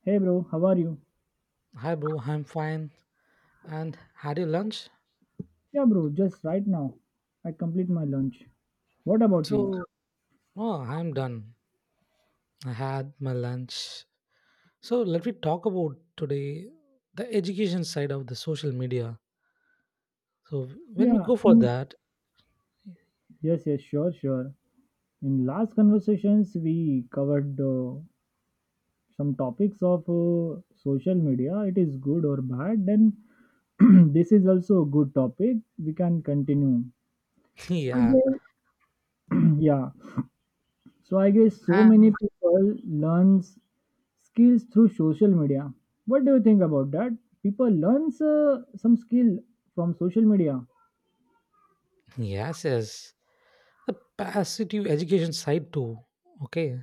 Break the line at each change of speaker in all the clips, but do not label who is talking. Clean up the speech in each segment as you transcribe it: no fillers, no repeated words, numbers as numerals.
Hey bro, how are you?
Hi, bro. I'm fine. And had your lunch?
Yeah, bro, just right now. I complete my lunch. What about you?
So, oh, I'm done. I had my lunch. So, let me talk about today the education side of the social media. So, when we
Yeah.
go for
mm,
that,
Yes, yes, sure, sure. In last conversations, we covered some topics of social media. It is good or bad. Then this is also a good topic. We can continue.
yeah,
Yeah. So I guess so many
and
people learns skills through social media. What do you think about that? People learns some skill from social media.
yes, the positive education side too. Okay,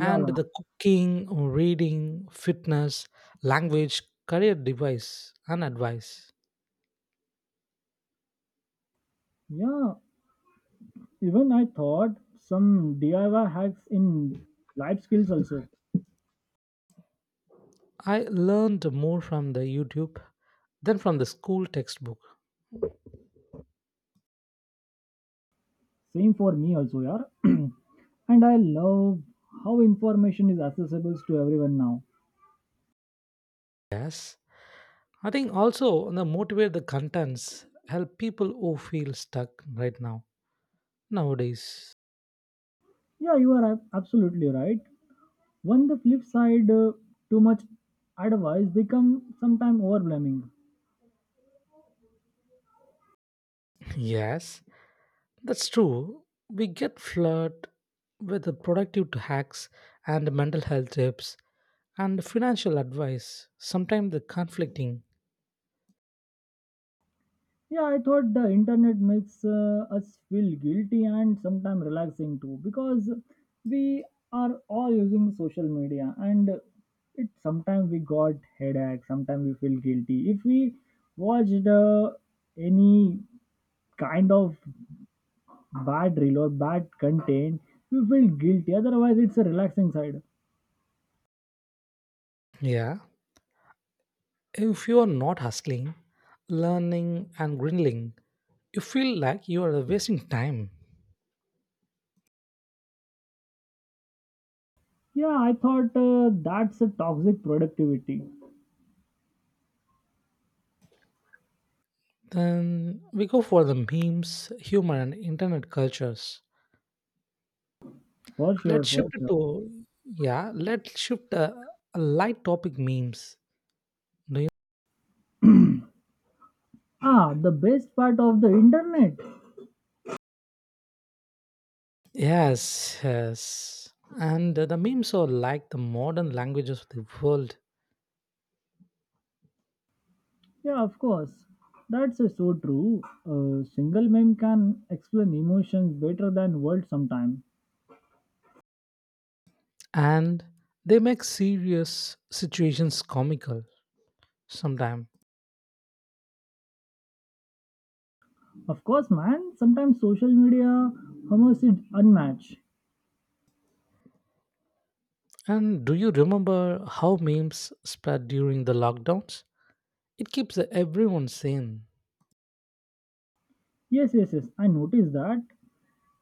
Yeah, yeah.
the cooking, reading, fitness, language, career device, and advice.
Yeah, even I thought some DIY hacks in life skills also.
I learned more from the YouTube than from the school textbook.
Same for me also, yeah. And I love how information is accessible to everyone now.
Yes, I think also the motivate the contents help people who feel stuck right now nowadays.
Yeah, you are absolutely right. On the flip side, too much advice become sometimes overwhelming.
Yes, that's true. We get flooded with the productive hacks and mental health tips and financial advice. Sometimes the conflicting.
Yeah, I thought the internet makes us feel guilty and sometimes relaxing too, because we are all using social media and it sometimes we got headache, sometimes we feel guilty. If we watched any kind of bad reel or bad content, we feel guilty. Otherwise, it's a relaxing side.
Yeah, if you are not hustling, learning and grindling, you feel like you are wasting time.
Yeah, I thought that's a toxic productivity
Then we go for the memes, humor, and internet cultures.
for sure,
Let's shift
for
it
sure.
to yeah. Let's shift a light topic memes. Do you?
Ah, the best part of the internet.
Yes. And the memes are like the modern languages of the world,
Yeah, of course. That's so true. A single meme can explain emotions better than words sometimes.
and they make serious situations comical sometimes.
Of course, man, sometimes social media humors is unmatched.
And do you remember how memes spread during the lockdowns? It keeps everyone sane.
Yes, yes, yes, I noticed that.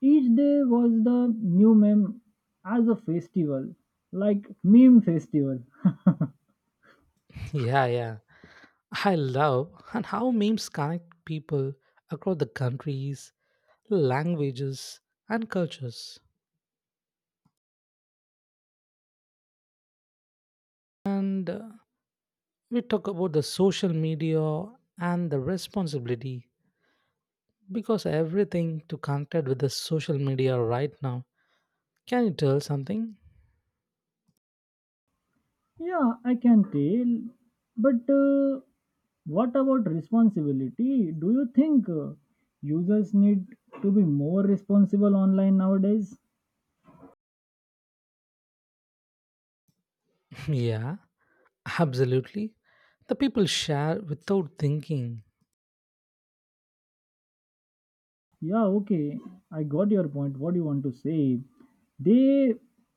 Each day was the new meme as a festival, like meme festival.
Yeah. I love and how memes connect people across the countries languages, and cultures. And we talk about the social media and the responsibility because everything to connected with the social media right now. Can you tell something?
Yeah, I can tell. But what about responsibility? Do you think users need to be more responsible online nowadays?
yeah, absolutely. The people share without thinking.
Yeah, okay. I got your point. What do you want to say? They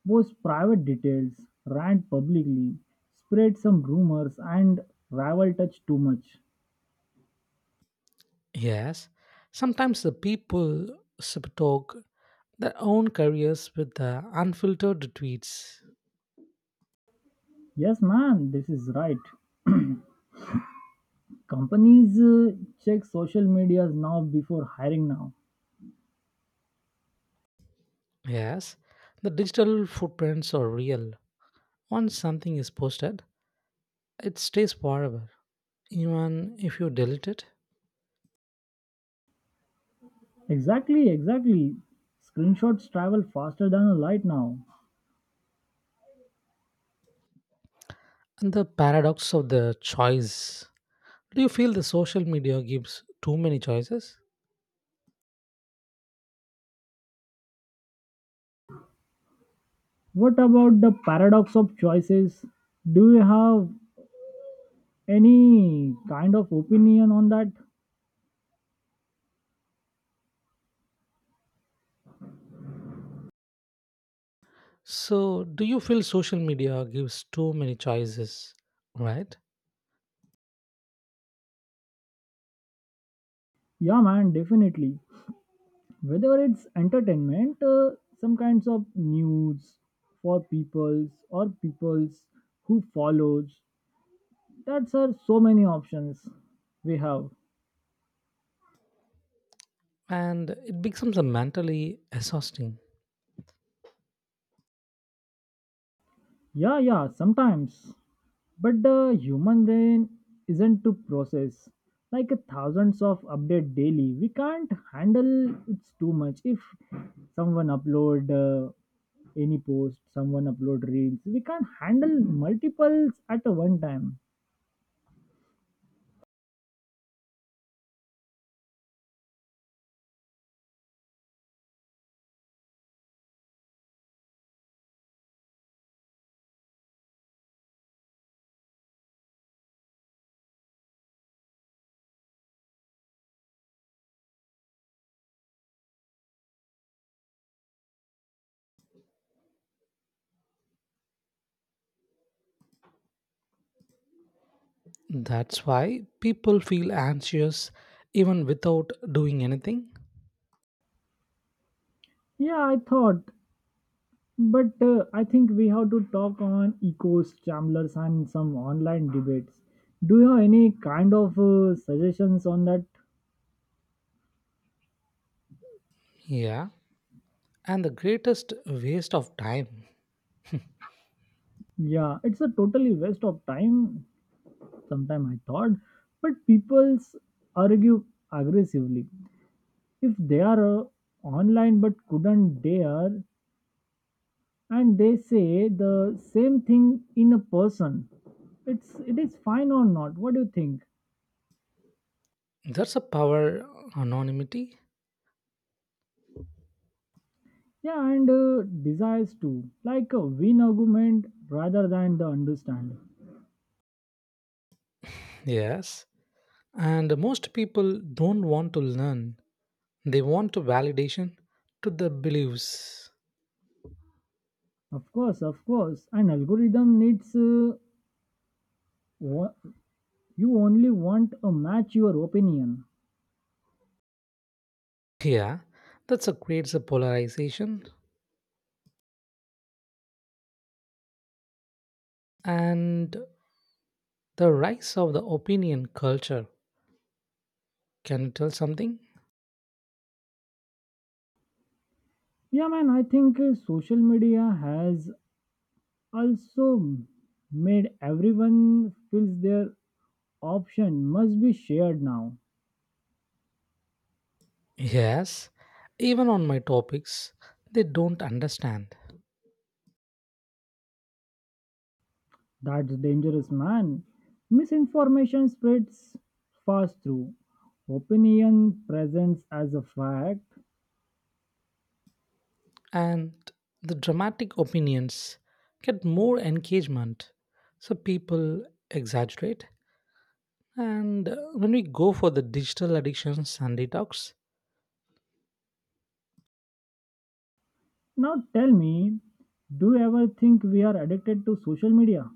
post private details, rant publicly, spread some rumors, and rival touch too much.
Yes, sometimes the people talk their own careers with the unfiltered tweets.
Yes, man, this is right. Companies check social medias now before hiring now.
Yes, the digital footprints are real. Once something is posted, it stays forever, even if you delete it.
Exactly, exactly. Screenshots travel faster than a light now.
And the paradox of the choice. Do you feel the social media gives too many choices?
What about the paradox of choices? Do you have any kind of opinion on that?
So, do you feel social media gives too many choices, right?
Yeah, man, definitely. Whether it's entertainment some kinds of news for peoples or peoples who follows, that's are so many options we have.
And it becomes a mentally exhausting.
Yeah, yeah, sometimes. But the human brain isn't to process like a thousands of update daily. We can't handle, it's too much. If someone upload any post, someone upload reels, we can't handle multiples at a one time.
That's why people feel anxious even without doing anything.
Yeah, I thought. But I think we have to talk on ecos, chamblers, and some online debates. Do you have any kind of suggestions on that?
Yeah. And the greatest waste of time.
Yeah, it's a totally waste of time. Sometime I thought, but people's argue aggressively if they are online but couldn't dare, and they say the same thing in a person. It is fine or not? What do you think?
That's a power anonymity.
Yeah, and desires too, like a win argument rather than the understanding.
Yes. And most people don't want to learn. They want to validation to their beliefs.
Of course, an algorithm needs wha- you only want a match your opinion.
Yeah. That's a creates a polarization and the rise of the opinion culture. Can you tell something?
Yeah, man, I think social media has also made everyone feels their option must be shared now.
Yes. Even on my topics, they don't understand.
That's dangerous, man. Misinformation spreads fast through opinion presents as a fact.
And the dramatic opinions get more engagement. So people exaggerate. And when we go for the digital addictions and detox,
Now tell me, do you ever think we are addicted to social media?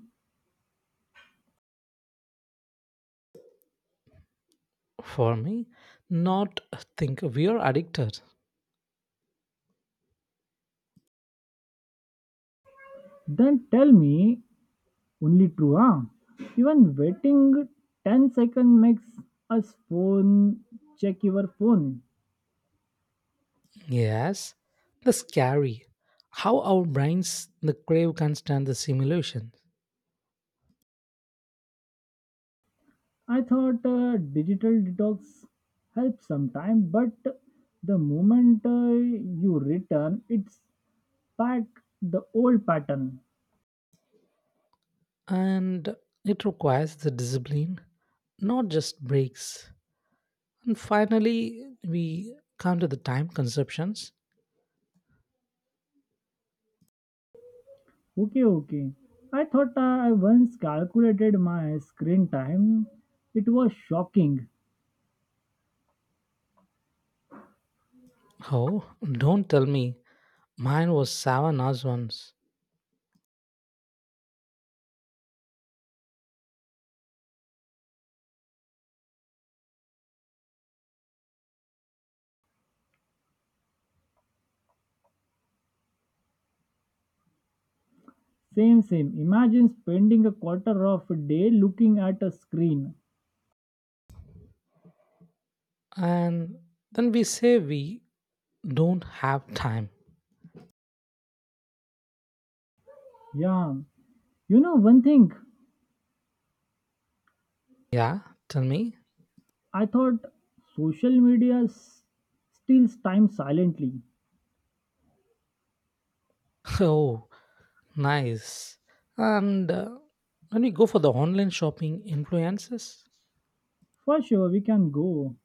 for me, not think we are addicted.
Then tell me, only true, huh? Even waiting 10 seconds makes us phone check your phone.
Yes, the scary. How our brains, the crave can stand the simulation.
I thought digital detox helps sometime, but the moment you return, it's back the old pattern.
And it requires the discipline, not just breaks. And finally, we come to the time conceptions.
Okay, okay. I thought I once calculated my screen time. It was shocking.
Oh, don't tell me mine was 7 hours once.
Same, same. Imagine spending a quarter of a day looking at a screen.
And then we say we don't have time.
Yeah. You know, one thing
Yeah, tell me.
I thought social media steals time silently.
Oh, nice. And when we go for the online shopping influences,
For sure, we can go.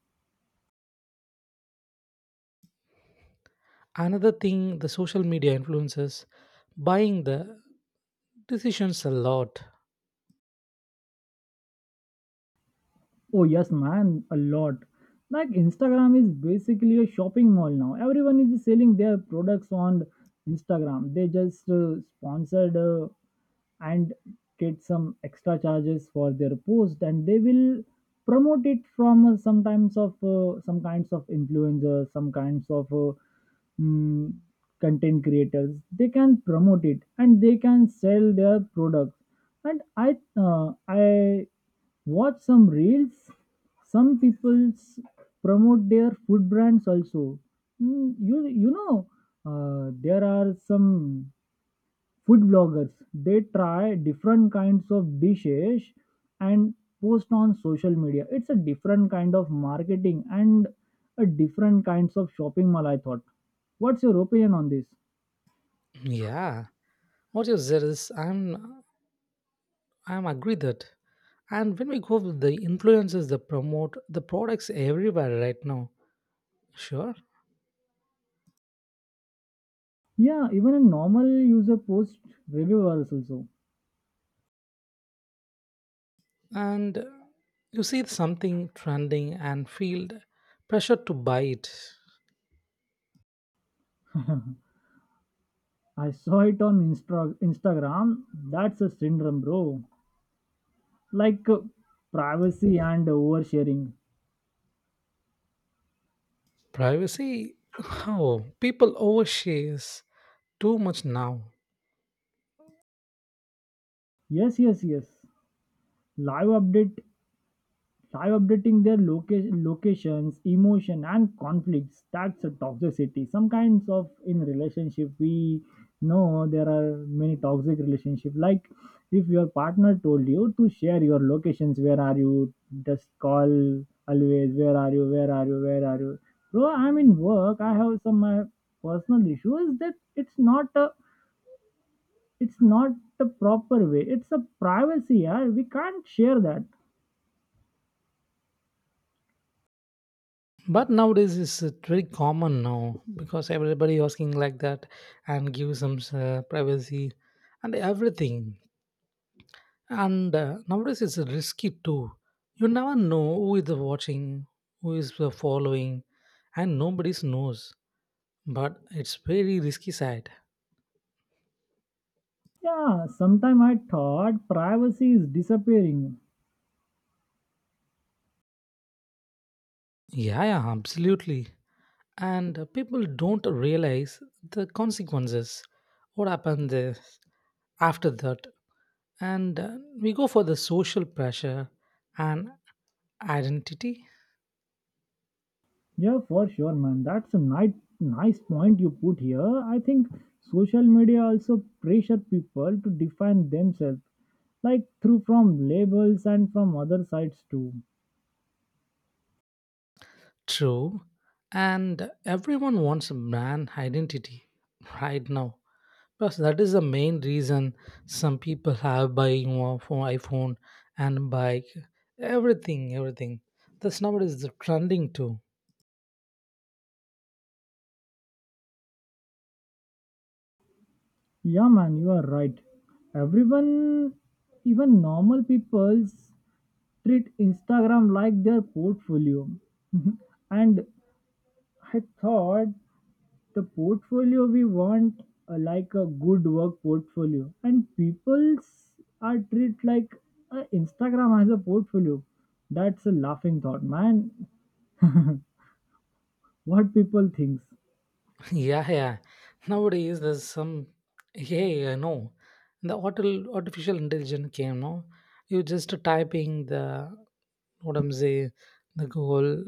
another thing the social media influences buying the decisions a lot.
Oh, yes, man, a lot. Like, Instagram is basically a shopping mall now. Everyone is selling their products on Instagram. They just sponsored. And get some extra charges for their post, and they will promote it from sometimes of some kinds of influencers, some kinds of mm, content creators. They can promote it, and they can sell their products. And I watch some reels, some people promote their food brands also. You know, there are some food bloggers, they try different kinds of dishes and post on social media. It's a different kind of marketing and a different kinds of shopping mall, I thought. What's your opinion on this?
Yeah, what you said is I'm agree that. And when we go with the influences that promote the products everywhere right now, sure.
Yeah, even a normal user post reviewers also.
And you see something trending and feel the pressure to buy it.
I saw it on Instagram. That's a syndrome, bro. Like, privacy and oversharing.
Privacy? How? People overshares too much now.
Yes, yes, yes, live update. Live updating their locations, emotion and conflicts. That's a toxicity, some kinds of in relationship. We know there are many toxic relationship. Like, if your partner told you to share your locations, where are you, just call, always where are you, where are you, where are you. Bro, I'm in work, I have some my personal issues. That It's not a, it's not the proper way, it's a privacy. Yeah, we can't share that.
But nowadays it's very common now because everybody asking like that and give some privacy and everything. And nowadays it's risky too. You never know who is watching, who is following, and nobody knows. But it's very risky side.
Yeah, sometime I thought privacy is disappearing.
Yeah, yeah, absolutely. And people don't realize the consequences what happened is- after that. And we go for the social pressure and identity.
Yeah, for sure, man. That's a nice, nice point you put here. I think social media also pressure people to define themselves, like through from labels and from other sides too.
True, and everyone wants a brand identity right now. Plus that is the main reason some people have buying one for iPhone and bike, everything, this number is the trending too.
Yeah, man, you are right. Everyone, even normal people, treat Instagram like their portfolio. And I thought, the portfolio we want, like a good work portfolio, and people's are treat like Instagram has a portfolio. That's a laughing thought, man. What people thinks?
Yeah. Nowadays, there's some. Yeah, I know. The auto, artificial intelligence came, no? You just typing the, what I'm saying, the Google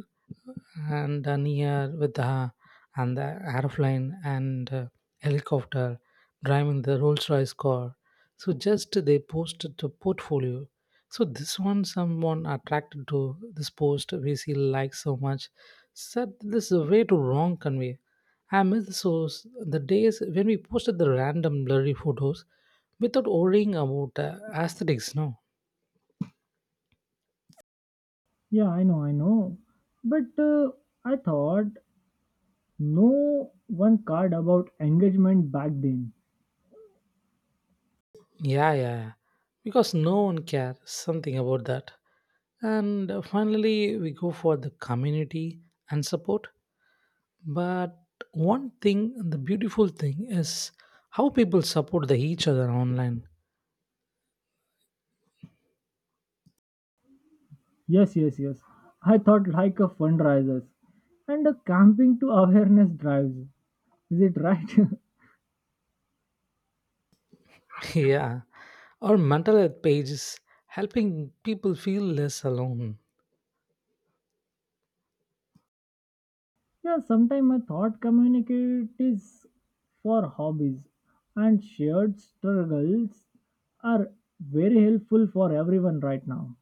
and done here with the and the airplane and helicopter driving the Rolls Royce car. So just they posted the portfolio. So this one someone attracted to this post we see like so much said this is a way to wrong convey. I miss those the days when we posted the random blurry photos without worrying about aesthetics. No,
Yeah, I know, I know. But I thought no one card about engagement back then.
yeah. Because no one cares something about that. And finally, we go for the community and support. But one thing, the beautiful thing is how people support the, each other online.
Yes, yes, yes, I thought, like a fundraisers and a camping to awareness drives, is it right?
yeah. Our mental health page is helping people feel less alone.
Yeah, sometimes I thought communities for hobbies and shared struggles are very helpful for everyone right now.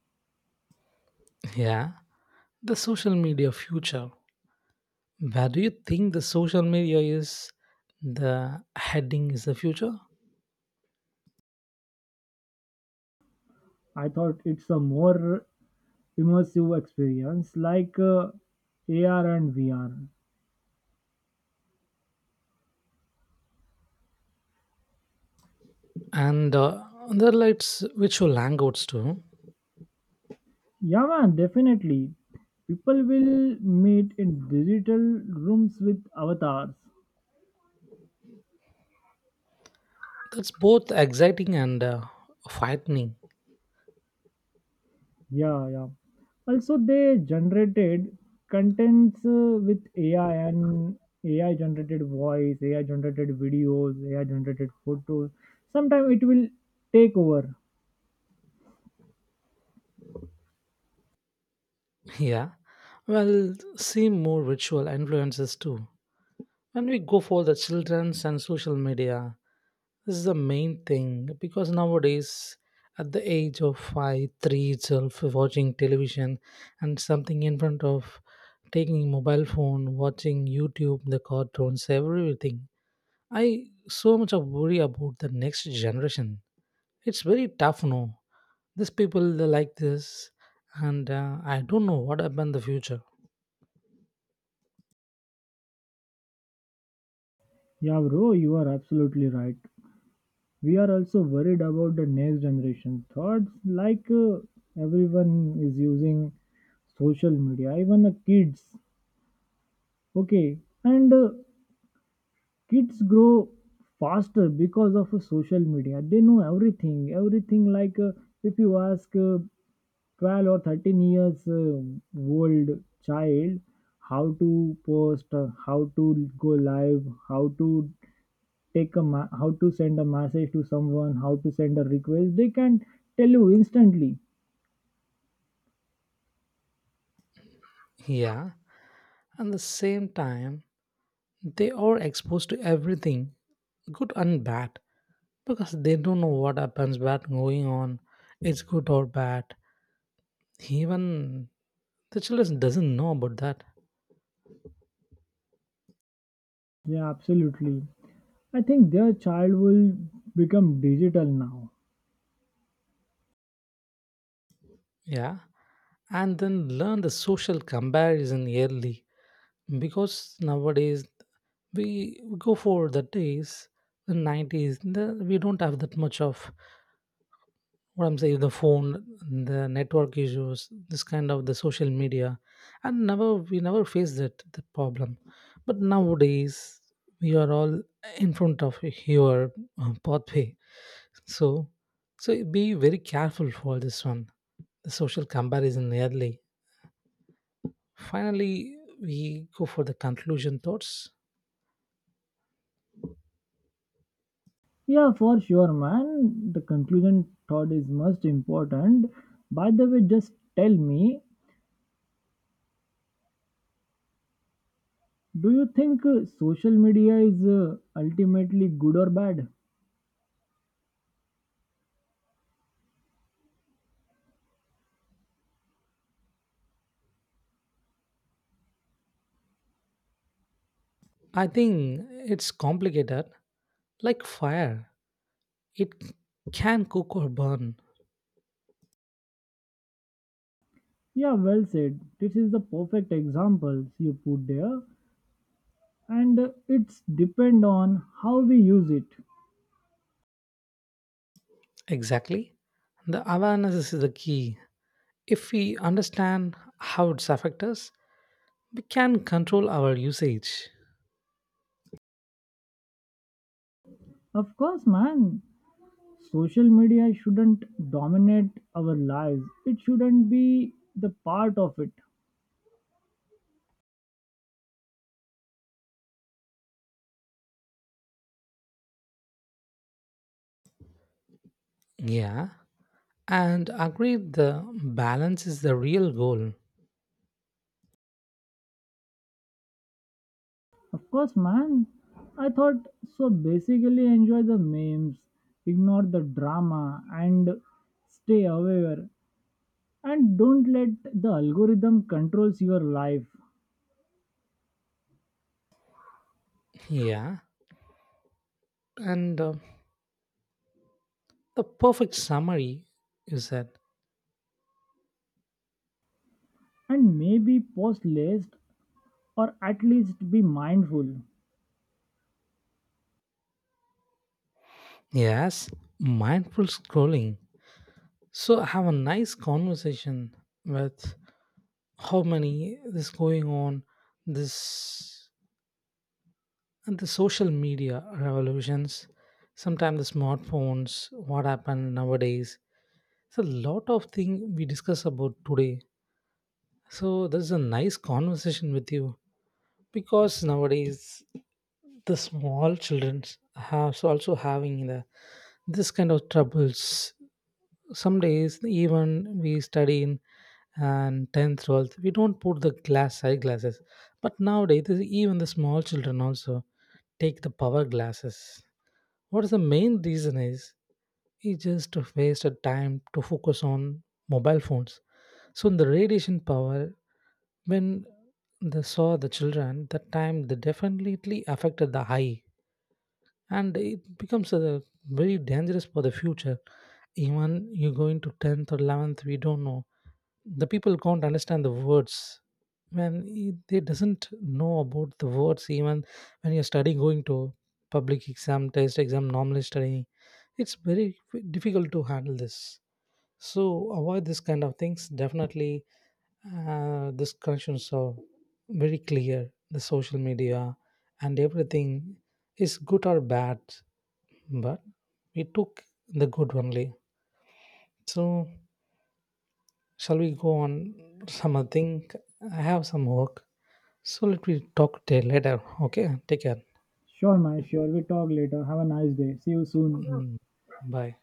Yeah. The social media future. Where do you think the social media is? The heading is the future.
I thought it's a more immersive experience, like AR and VR.
And there are lights which will hang out too.
Yeah, man, definitely. People will meet in digital rooms with avatars.
That's both exciting and frightening.
Yeah, yeah. Also, they generated contents with AI and AI generated voice, AI generated videos, AI generated photos. Sometimes it will take over.
Yeah, well, see more ritual influences too. When we go for the children's and social media, this is the main thing because nowadays, at the age of five, three itself, watching television and something in front of taking mobile phone, watching YouTube, the cartoons, everything. I so much of worry about the next generation. It's very tough, no. These people they like this, and I don't know what happened in the future.
Yeah, bro, you are absolutely right. We are also worried about the next generation thoughts. Like, everyone is using social media, even the kids. Okay, and kids grow faster because of social media. They know everything, everything. Like, if you ask 12 or 13 years old child, how to post, how to go live, how to how to send a message to someone, how to send a request, they can tell you instantly.
Yeah, at the same time, they are exposed to everything, good and bad, because they don't know what happens, what going on, it's good or bad. Even the children doesn't know about that.
Yeah, absolutely. I think their child will become digital now.
Yeah. And then learn the social comparison early. Because nowadays we go for the days, the 90s, the, we don't have that much of what I'm saying, the phone, the network issues, this kind of the social media, and never we never faced that the problem. But nowadays we are all in front of your pathway, so be very careful for this one. The social comparison early. Finally, we go for the conclusion thoughts.
Yeah, for sure, man. The conclusion thought is most important. By the way, just tell me, do you think social media is ultimately good or bad?
I think it's complicated, like fire. It can cook or burn.
Yeah, well said. This is the perfect examples you put there, and it's depend on how we use it.
Exactly. The awareness is the key. If we understand how it's affect us, we can control our usage.
Of course, man. Social media shouldn't dominate our lives. It shouldn't be the part of it.
Yeah. And agree the balance is the real goal.
Of course, man. I thought so. Basically, enjoy the memes, ignore the drama, and stay aware. And don't let the algorithm controls your life.
Yeah. And the perfect summary is that
And maybe post list, or at least be mindful.
yes, mindful scrolling. So have a nice conversation with how many is going on this. And the social media revolutions, sometimes the smartphones, what happened nowadays. It's a lot of things we discuss about today. So this is a nice conversation with you because nowadays the small children have so also having the this kind of troubles. Some days even we study in and 10th 12th we don't put the glass eye glasses but nowadays even the small children also take the power glasses. What is the main reason is it just wasted time to focus on mobile phones. So in the radiation power, when they saw the children, that time they definitely affected the eye, and it becomes a very dangerous for the future. Even you go into tenth or 11th, we don't know the people can't understand the words when they doesn't know about the words even when you're studying going to public exam test exam normally studying, it's very difficult to handle this. So avoid this kind of things definitely. These connections are very clear. The social media and everything is good or bad, but we took the good only. So shall we go on some other thing? I have some work. So let me talk to later. Okay, take care.
Sure, man. Sure. We talk later. Have a nice day. See you soon.
Mm, bye.